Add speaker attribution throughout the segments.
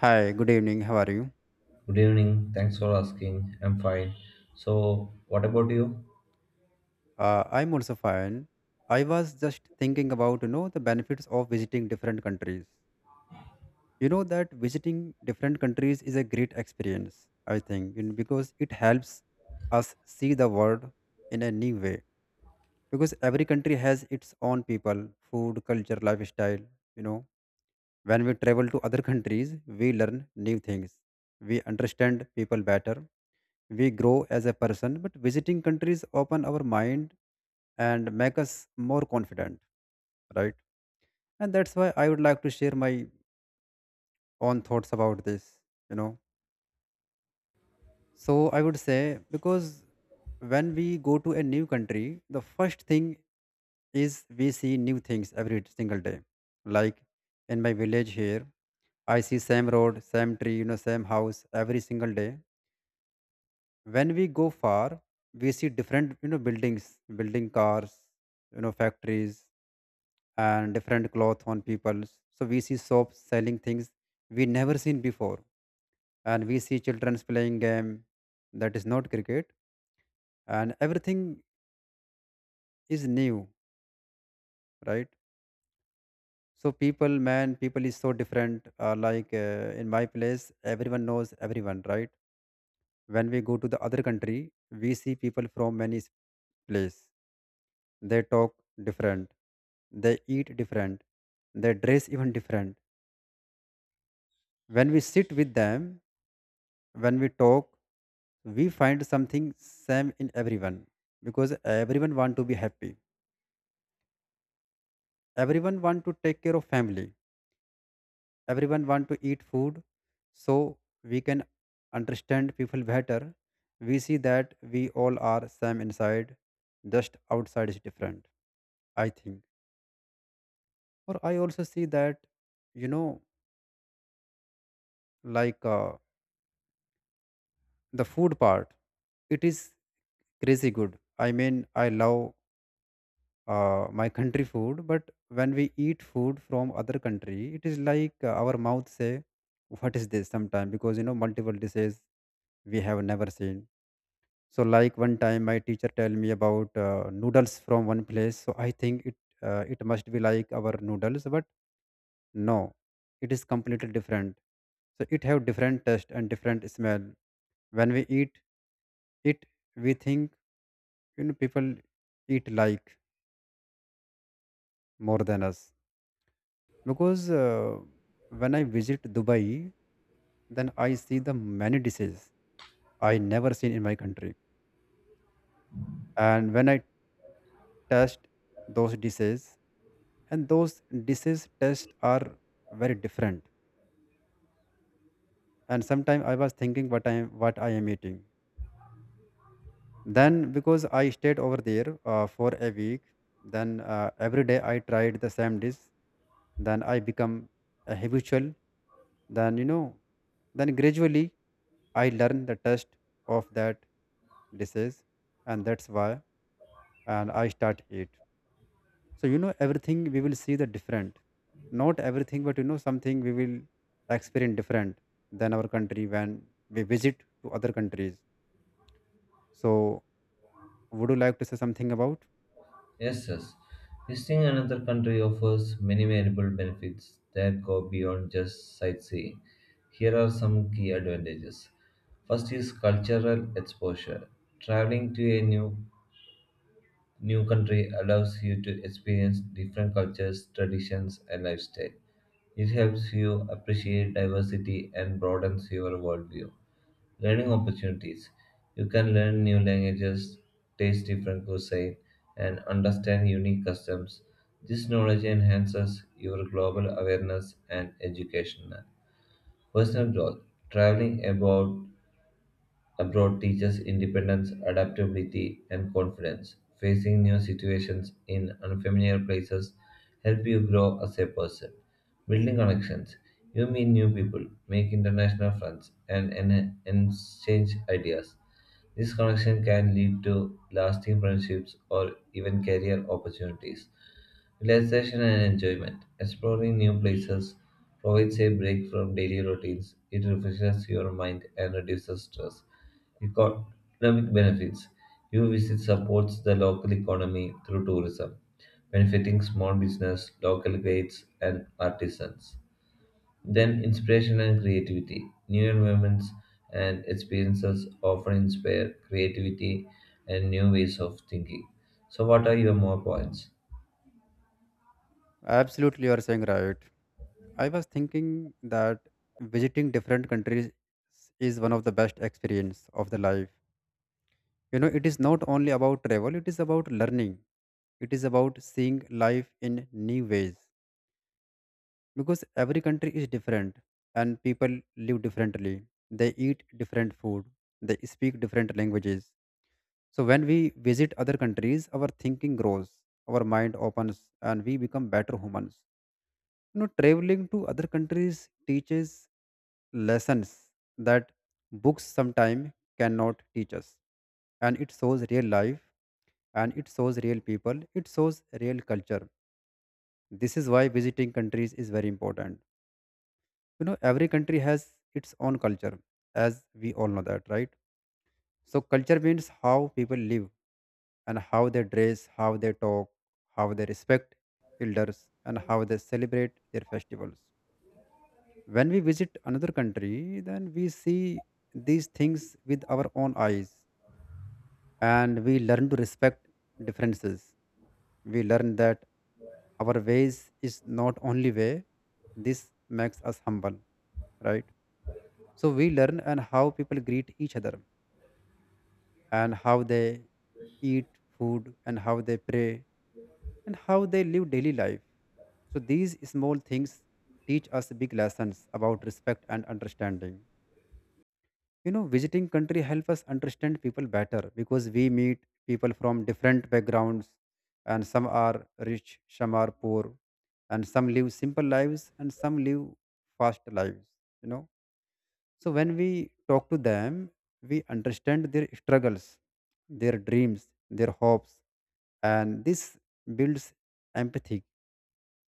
Speaker 1: Hi, good evening. How are you?
Speaker 2: Good evening. Thanks for asking. I'm fine. So, what about you?
Speaker 1: I'm also fine. I was just thinking about you know the benefits of visiting different countries. You know that visiting different countries is a great experience. I think you know, because it helps us see the world in a new way. Because every country has its own people, food, culture, lifestyle. You know, when we travel to other countries, we learn new things. We understand people better, we grow as a person, but visiting countries open our mind and make us more confident, right? And that's why I would like to share my own thoughts about this, you know. So I would say, because when we go to a new country, the first thing is we see new things every single day. Like in my village here, I see same road, same tree, you know, same house every single day. When we go far, we see different, you know, buildings, building, cars, you know, factories, and different cloth on people. So we see shops selling things we never seen before, and we see children playing game that is not cricket, and everything is new, right? So people, man, people is so different, like, in my place everyone knows everyone, right? When we go to the other country, we see people from many place. They talk different. They eat different. They dress even different. When we sit with them, when we talk, we find something same in everyone because everyone want to be happy. Everyone want to take care of family. Everyone want to eat food. So we can understand people better. We see that we all are same inside, just outside is different. I think, or I also see that, you know, like. The food part, it is crazy good. I mean, I love my country food, but when we eat food from other country, it is like, our mouth say, what is this, sometime, because you know multiple dishes we have never seen. So like one time my teacher tell me about noodles from one place, so I think it it must be like our noodles, but no, it is completely different. So it have different taste and different smell. When we eat it, we think, you know, people eat like more than us, because when I visit Dubai, then I see the many dishes I never seen in my country, and when I taste those dishes, and those dishes taste are very different, and sometimes I was thinking what I am, what I am eating. Then because I stayed over there for a week, then every day I tried the same dish, then I become a habitual, then you know, then gradually I learned the taste of that dishes, and that's why, and I start eat. So you know everything we will see the different, not everything but you know something we will experience different than our country when we visit to other countries. So would you like to say something about?
Speaker 2: Yes, yes. Visiting another country offers many valuable benefits that go beyond just sightseeing. Here are some key advantages. First is cultural exposure. Traveling to a new country allows you to experience different cultures, traditions, and lifestyle. It helps you appreciate diversity and broadens your worldview. Learning opportunities. You can learn new languages, taste different cuisine, and understand unique customs. This knowledge enhances your global awareness and education. Personal growth. Traveling abroad teaches independence, adaptability, and confidence. Facing new situations in unfamiliar places help you grow as a person. Building connections. You meet new people, make international friends, and exchange ideas. This connection can lead to lasting friendships or even career opportunities. Relaxation and enjoyment. Exploring new places provides a break from daily routines. It refreshes your mind and reduces stress. Economic benefits. Your visit supports the local economy through tourism, benefiting small business, local guides, and artisans. Then, inspiration and creativity. New environments and experiences often inspire creativity and new ways of thinking. So, what are your more points?
Speaker 1: Absolutely, you are saying right. I was thinking that visiting different countries is one of the best experience of the life. You know, it is not only about travel, it is about learning. It is about seeing life in new ways because every country is different and people live differently. They eat different food, they speak different languages. So when we visit other countries, our thinking grows, our mind opens and we become better humans. You know, traveling to other countries teaches lessons that books sometimes cannot teach us. And it shows real life, and it shows real people, it shows real culture. This is why visiting countries is very important. You know, every country has its own culture, as we all know that, right? So, culture means how people live, and how they dress, how they talk, how they respect elders, and how they celebrate their festivals. When we visit another country, then we see these things with our own eyes, and we learn to respect differences. We learn that our ways is not only way. This makes us humble, right? So we learn and how people greet each other, and how they eat food, and how they pray, and how they live daily life. So these small things teach us big lessons about respect and understanding. You know, visiting country help us understand people better because we meet people from different backgrounds, and some are rich, some are poor, and some live simple lives and some live fast lives, you know. So when we talk to them, we understand their struggles, their dreams, their hopes, and this builds empathy.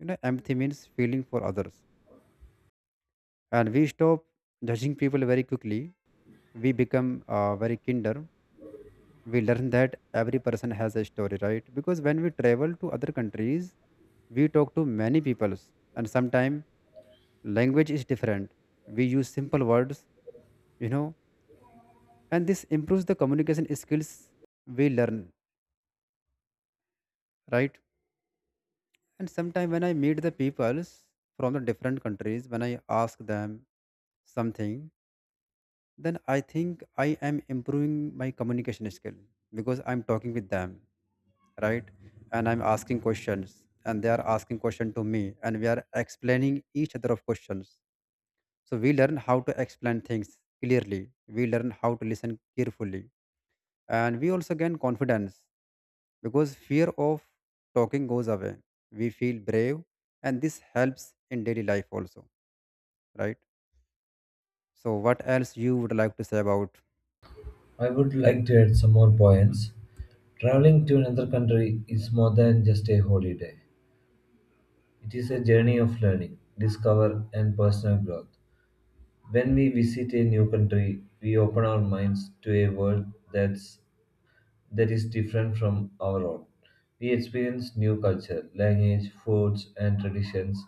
Speaker 1: You know, empathy means feeling for others, and we stop judging people very quickly. We become very kinder. We learn that every person has a story, right? Because when we travel to other countries, we talk to many peoples, and sometimes language is different, we use simple words, you know, and this improves the communication skills we learn, right? And sometimes when I meet the peoples from the different countries, when I ask them something, then I think I am improving my communication skill because I'm talking with them, right? And I'm asking questions and they are asking question to me and we are explaining each other of questions. So we learn how to explain things clearly, we learn how to listen carefully, and we also gain confidence because fear of talking goes away. We feel brave, and this helps in daily life also, right? So what else you would like to say about?
Speaker 2: I would like to add some more points. Traveling to another country is more than just a holiday. It is a journey of learning, discover, and personal growth. When we visit a new country, we open our minds to a world that's that is different from our own. We experience new culture, language, foods, and traditions.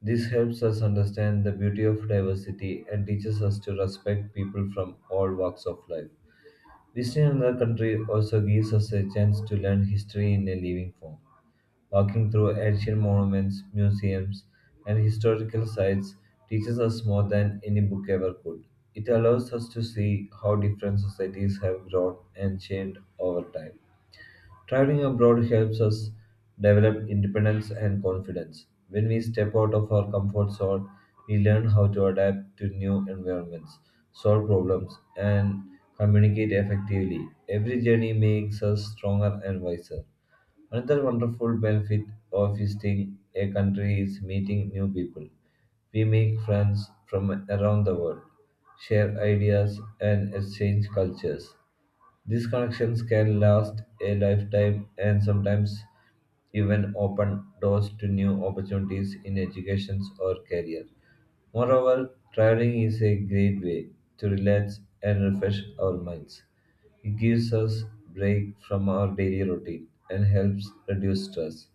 Speaker 2: This helps us understand the beauty of diversity and teaches us to respect people from all walks of life. Visiting another country also gives us a chance to learn history in a living form. Walking through ancient monuments, museums, and historical sites teaches us more than any book ever could. It allows us to see how different societies have grown and changed over time. Traveling abroad helps us develop independence and confidence. When we step out of our comfort zone, we learn how to adapt to new environments, solve problems, and communicate effectively. Every journey makes us stronger and wiser. Another wonderful benefit of visiting a country is meeting new people. We make friends from around the world, share ideas, and exchange cultures. These connections can last a lifetime and sometimes even open doors to new opportunities in education or career. Moreover, traveling is a great way to relax and refresh our minds. It gives us break from our daily routine and helps reduce stress.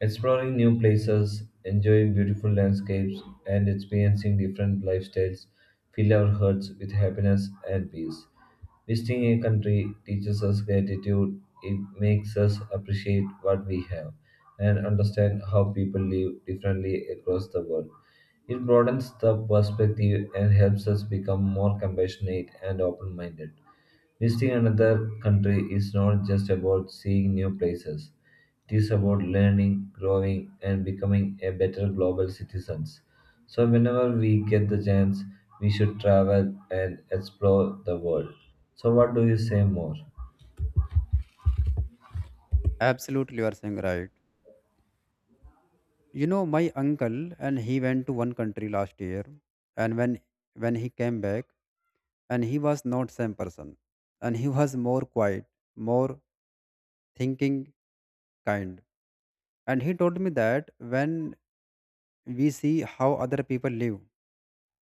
Speaker 2: Exploring new places, enjoying beautiful landscapes, and experiencing different lifestyles fill our hearts with happiness and peace. Visiting a country teaches us gratitude, it makes us appreciate what we have and understand how people live differently across the world. It broadens the perspective and helps us become more compassionate and open minded. Visiting another country is not just about seeing new places. It is about learning, growing, and becoming a better global citizens. So whenever we get the chance, we should travel and explore the world. So what do you say more?
Speaker 1: Absolutely, you are saying right. You know, my uncle and he went to one country last year, and when he came back, and he was not same person, and he was more quiet, more thinking kind. And he told me that when we see how other people live,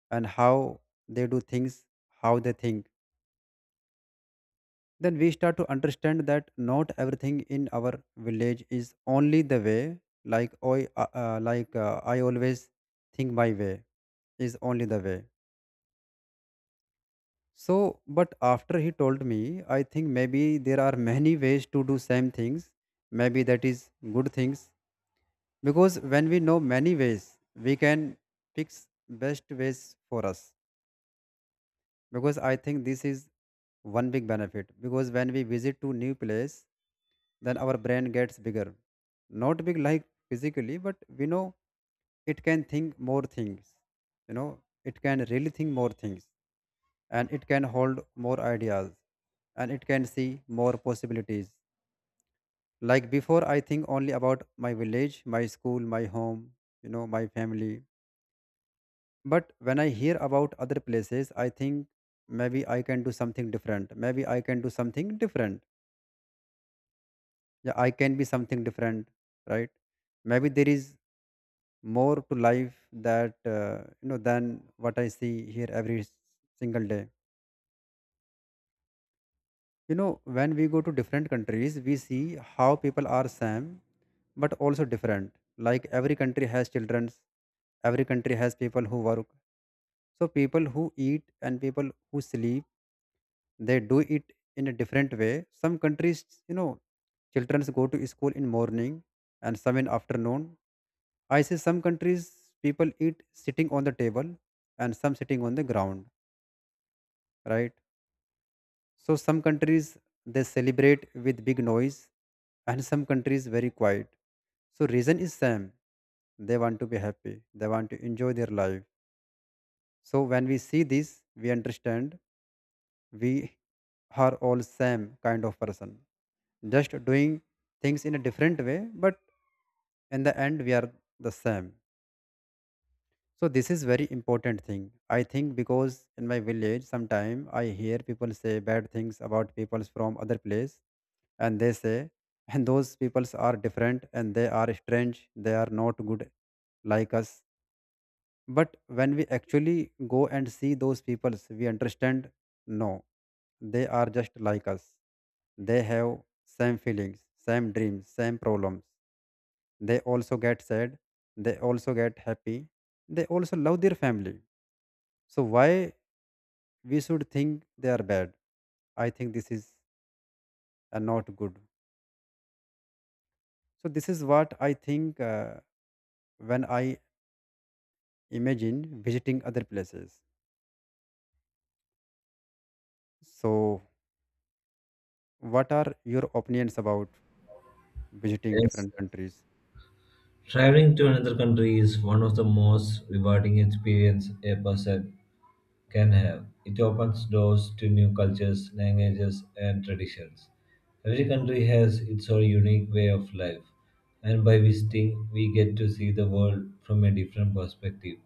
Speaker 1: and how they do things, how they think, then we start to understand that not everything in our village is only the way. Like I like, I always think my way is only the way. So, but after he told me, I think maybe there are many ways to do same things. Maybe that is good things because when we know many ways, we can fix best ways for us. Because I think this is one big benefit. Because when we visit to new place, then our brain gets bigger. Not big like physically, but we know it can think more things. You know, it can really think more things, and it can hold more ideas, and it can see more possibilities. Like before, I think only about my village, my school, my home, you know, my family. But when I hear about other places, I think maybe I can do something different. Maybe I can do something different. Yeah, I can be something different, right? Maybe there is more to life that you know than what I see here every single day. You know, when we go to different countries, we see how people are same but also different. Like every country has childrens, every country has people who work. So people who eat and people who sleep, they do it in a different way. Some countries, you know, children go to school in morning and some in afternoon. I see some countries people eat sitting on the table and some sitting on the ground, right? So some countries they celebrate with big noise and some countries very quiet. So reason is same. They want to be happy. They want to enjoy their life. So when we see this, we understand we are all same kind of person. Just doing things in a different way, but in the end we are the same. So this is very important thing. I think because in my village sometime I hear people say bad things about people from other place, and they say and those peoples are different and they are strange, they are not good like us. But when we actually go and see those peoples, we understand no, they are just like us. They have same feelings, same dreams, same problems. They also get sad, they also get happy, they also love their family. So why we should think they are bad? I think this is not good. So this is what I think, when I imagine visiting other places. So what are your opinions about visiting
Speaker 2: Yes.
Speaker 1: different countries?
Speaker 2: Traveling to another country is one of the most rewarding experience a person can have. It opens doors to new cultures, languages, and traditions. Every country has its own unique way of life, and by visiting, we get to see the world from a different perspective.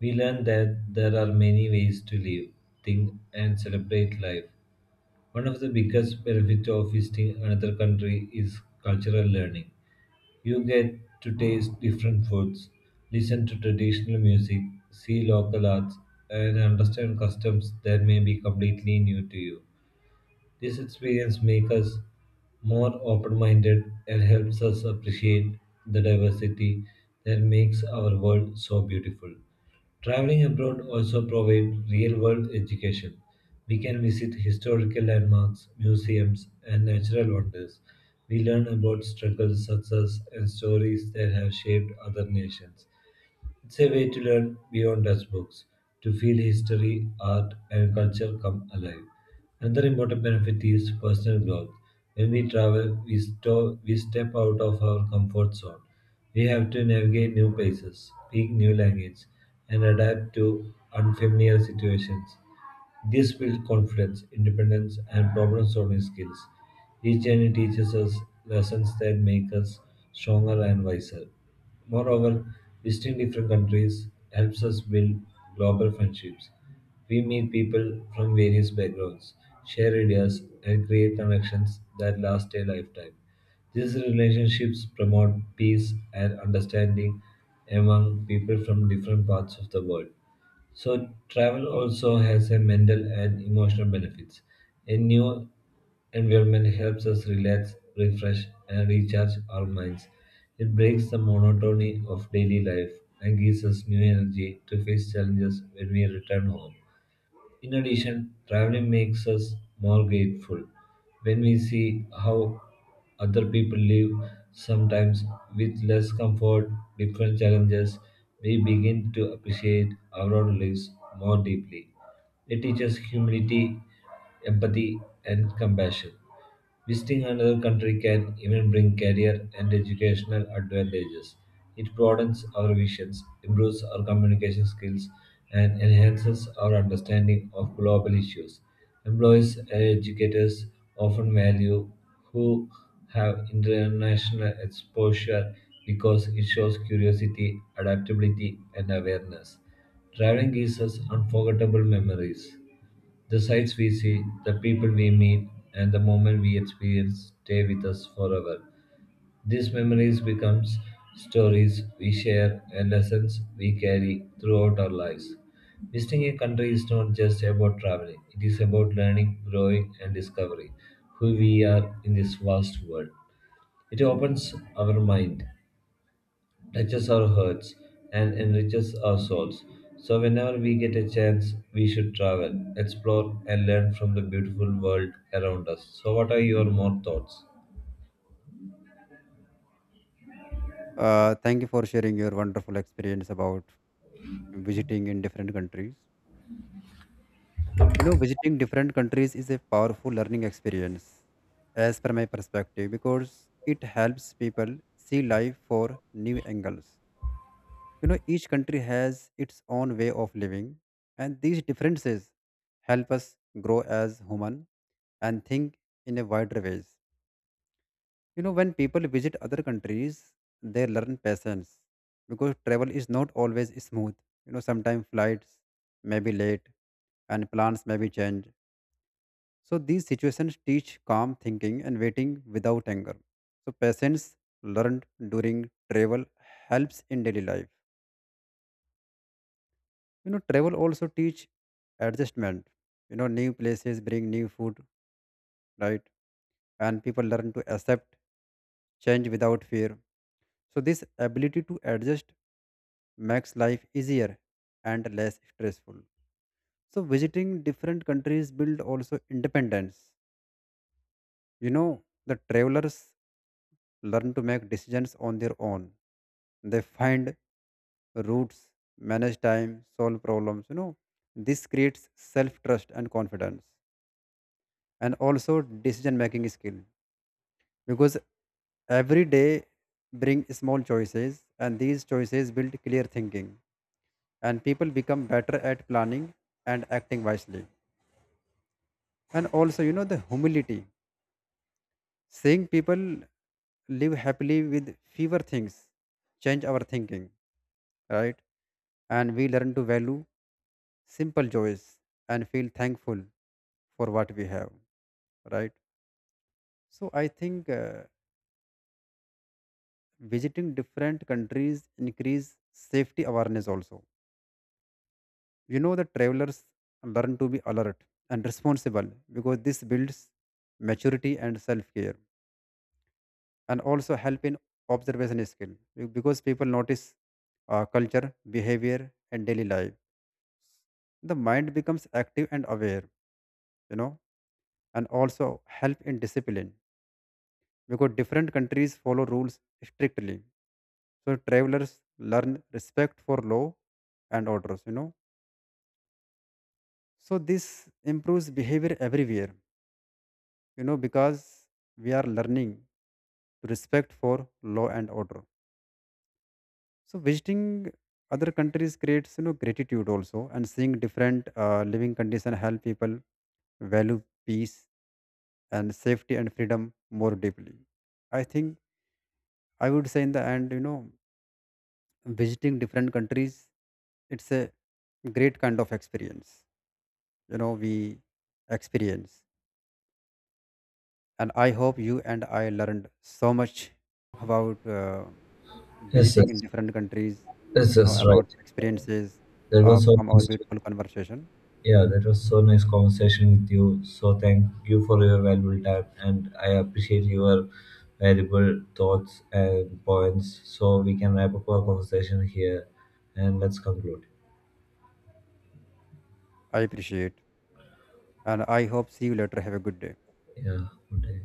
Speaker 2: We learn that there are many ways to live, think, and celebrate life. One of the biggest benefits of visiting another country is cultural learning. You get to taste different foods, listen to traditional music, see local arts, and understand customs that may be completely new to you. This experience makes us more open minded and helps us appreciate the diversity that makes our world so beautiful. Traveling abroad also provides real world education. We can visit historical landmarks, museums, and natural wonders. We learn about struggles, success, and stories that have shaped other nations. It's a way to learn beyond textbooks, to feel history, art, and culture come alive. Another important benefit is personal growth. When we travel, we step out of our comfort zone. We have to navigate new places, speak new languages, and adapt to unfamiliar situations. This builds confidence, independence, and problem solving skills. Each journey teaches us lessons that make us stronger and wiser. Moreover, visiting different countries helps us build global friendships. We meet people from various backgrounds, share ideas, and create connections that last a lifetime. These relationships promote peace and understanding among people from different parts of the world. So travel also has a mental and emotional benefits. A new environment helps us relax, refresh, and recharge our minds. It breaks the monotony of daily life and gives us new energy to face challenges when we return home. In addition, traveling makes us more grateful when we see how other people live, sometimes with less comfort, different challenges, we begin to appreciate our own lives more deeply. It teaches humility, empathy, and compassion. Visiting another country can even bring career and educational advantages. It broadens our visions, improves our communication skills, and enhances our understanding of global issues. Employees and educators often value who have international exposure because it shows curiosity, adaptability, and awareness. Traveling gives us unforgettable memories. The sights we see, the people we meet, and the moment we experience stay with us forever. These memories become stories we share and lessons we carry throughout our lives. Visiting a country is not just about traveling, it is about learning, growing, and discovering who we are in this vast world. It opens our mind, touches our hearts and enriches our souls. So, whenever we get a chance, we should travel, explore, and learn from the beautiful world around us. So, what are your more thoughts?
Speaker 1: Thank you for sharing your wonderful experience about visiting in different countries. You know, visiting different countries is a powerful learning experience, as per my perspective, because it helps people see life for new angles. You know, each country has its own way of living, and these differences help us grow as human and think in a wider ways. You know, when people visit other countries, they learn patience because travel is not always smooth. You know, sometimes flights may be late and plans may be changed. So these situations teach calm thinking and waiting without anger. So patience learned during travel helps in daily life. You know, travel also teach adjustment. You know, new places bring new food, right? And people learn to accept change without fear. So this ability to adjust makes life easier and less stressful. So visiting different countries build also independence. You know, the travelers learn to make decisions on their own. They find routes, manage time, solve problems, you know. This creates self trust and confidence, and also decision making skill, because every day bring small choices and these choices build clear thinking, and people become better at planning and acting wisely. And also, you know, the humility. Seeing people live happily with fewer things change our thinking, right? And we learn to value simple joys and feel thankful for what we have, right? So I think, visiting different countries increase safety awareness also. You know, the travelers learn to be alert and responsible, because this builds maturity and self-care, and also help in observation skill, because people notice culture, behavior and daily life. The mind becomes active and aware, you know, and also help in discipline because different countries follow rules strictly. So travelers learn respect for law and orders, you know. So this improves behavior everywhere, you know, because we are learning to respect for law and order. So visiting other countries creates, you know, gratitude also, and seeing different living condition help people value peace and safety and freedom more deeply. I think I would say in the end, you know, visiting different countries, it's a great kind of experience. You know, we experience. And I hope you and I learned so much about
Speaker 2: Yes,
Speaker 1: visiting in
Speaker 2: yes,
Speaker 1: different countries,
Speaker 2: yes,
Speaker 1: you know,
Speaker 2: yes,
Speaker 1: about
Speaker 2: right.
Speaker 1: experiences,
Speaker 2: That was so
Speaker 1: from our
Speaker 2: nice.
Speaker 1: beautiful conversation.
Speaker 2: Yeah, that was so nice conversation with you. So, thank you for your valuable time, and I appreciate your valuable thoughts and points. So, we can wrap up our conversation here, and let's conclude.
Speaker 1: I appreciate, and I hope see you later. Have a good day.
Speaker 2: Yeah, good day.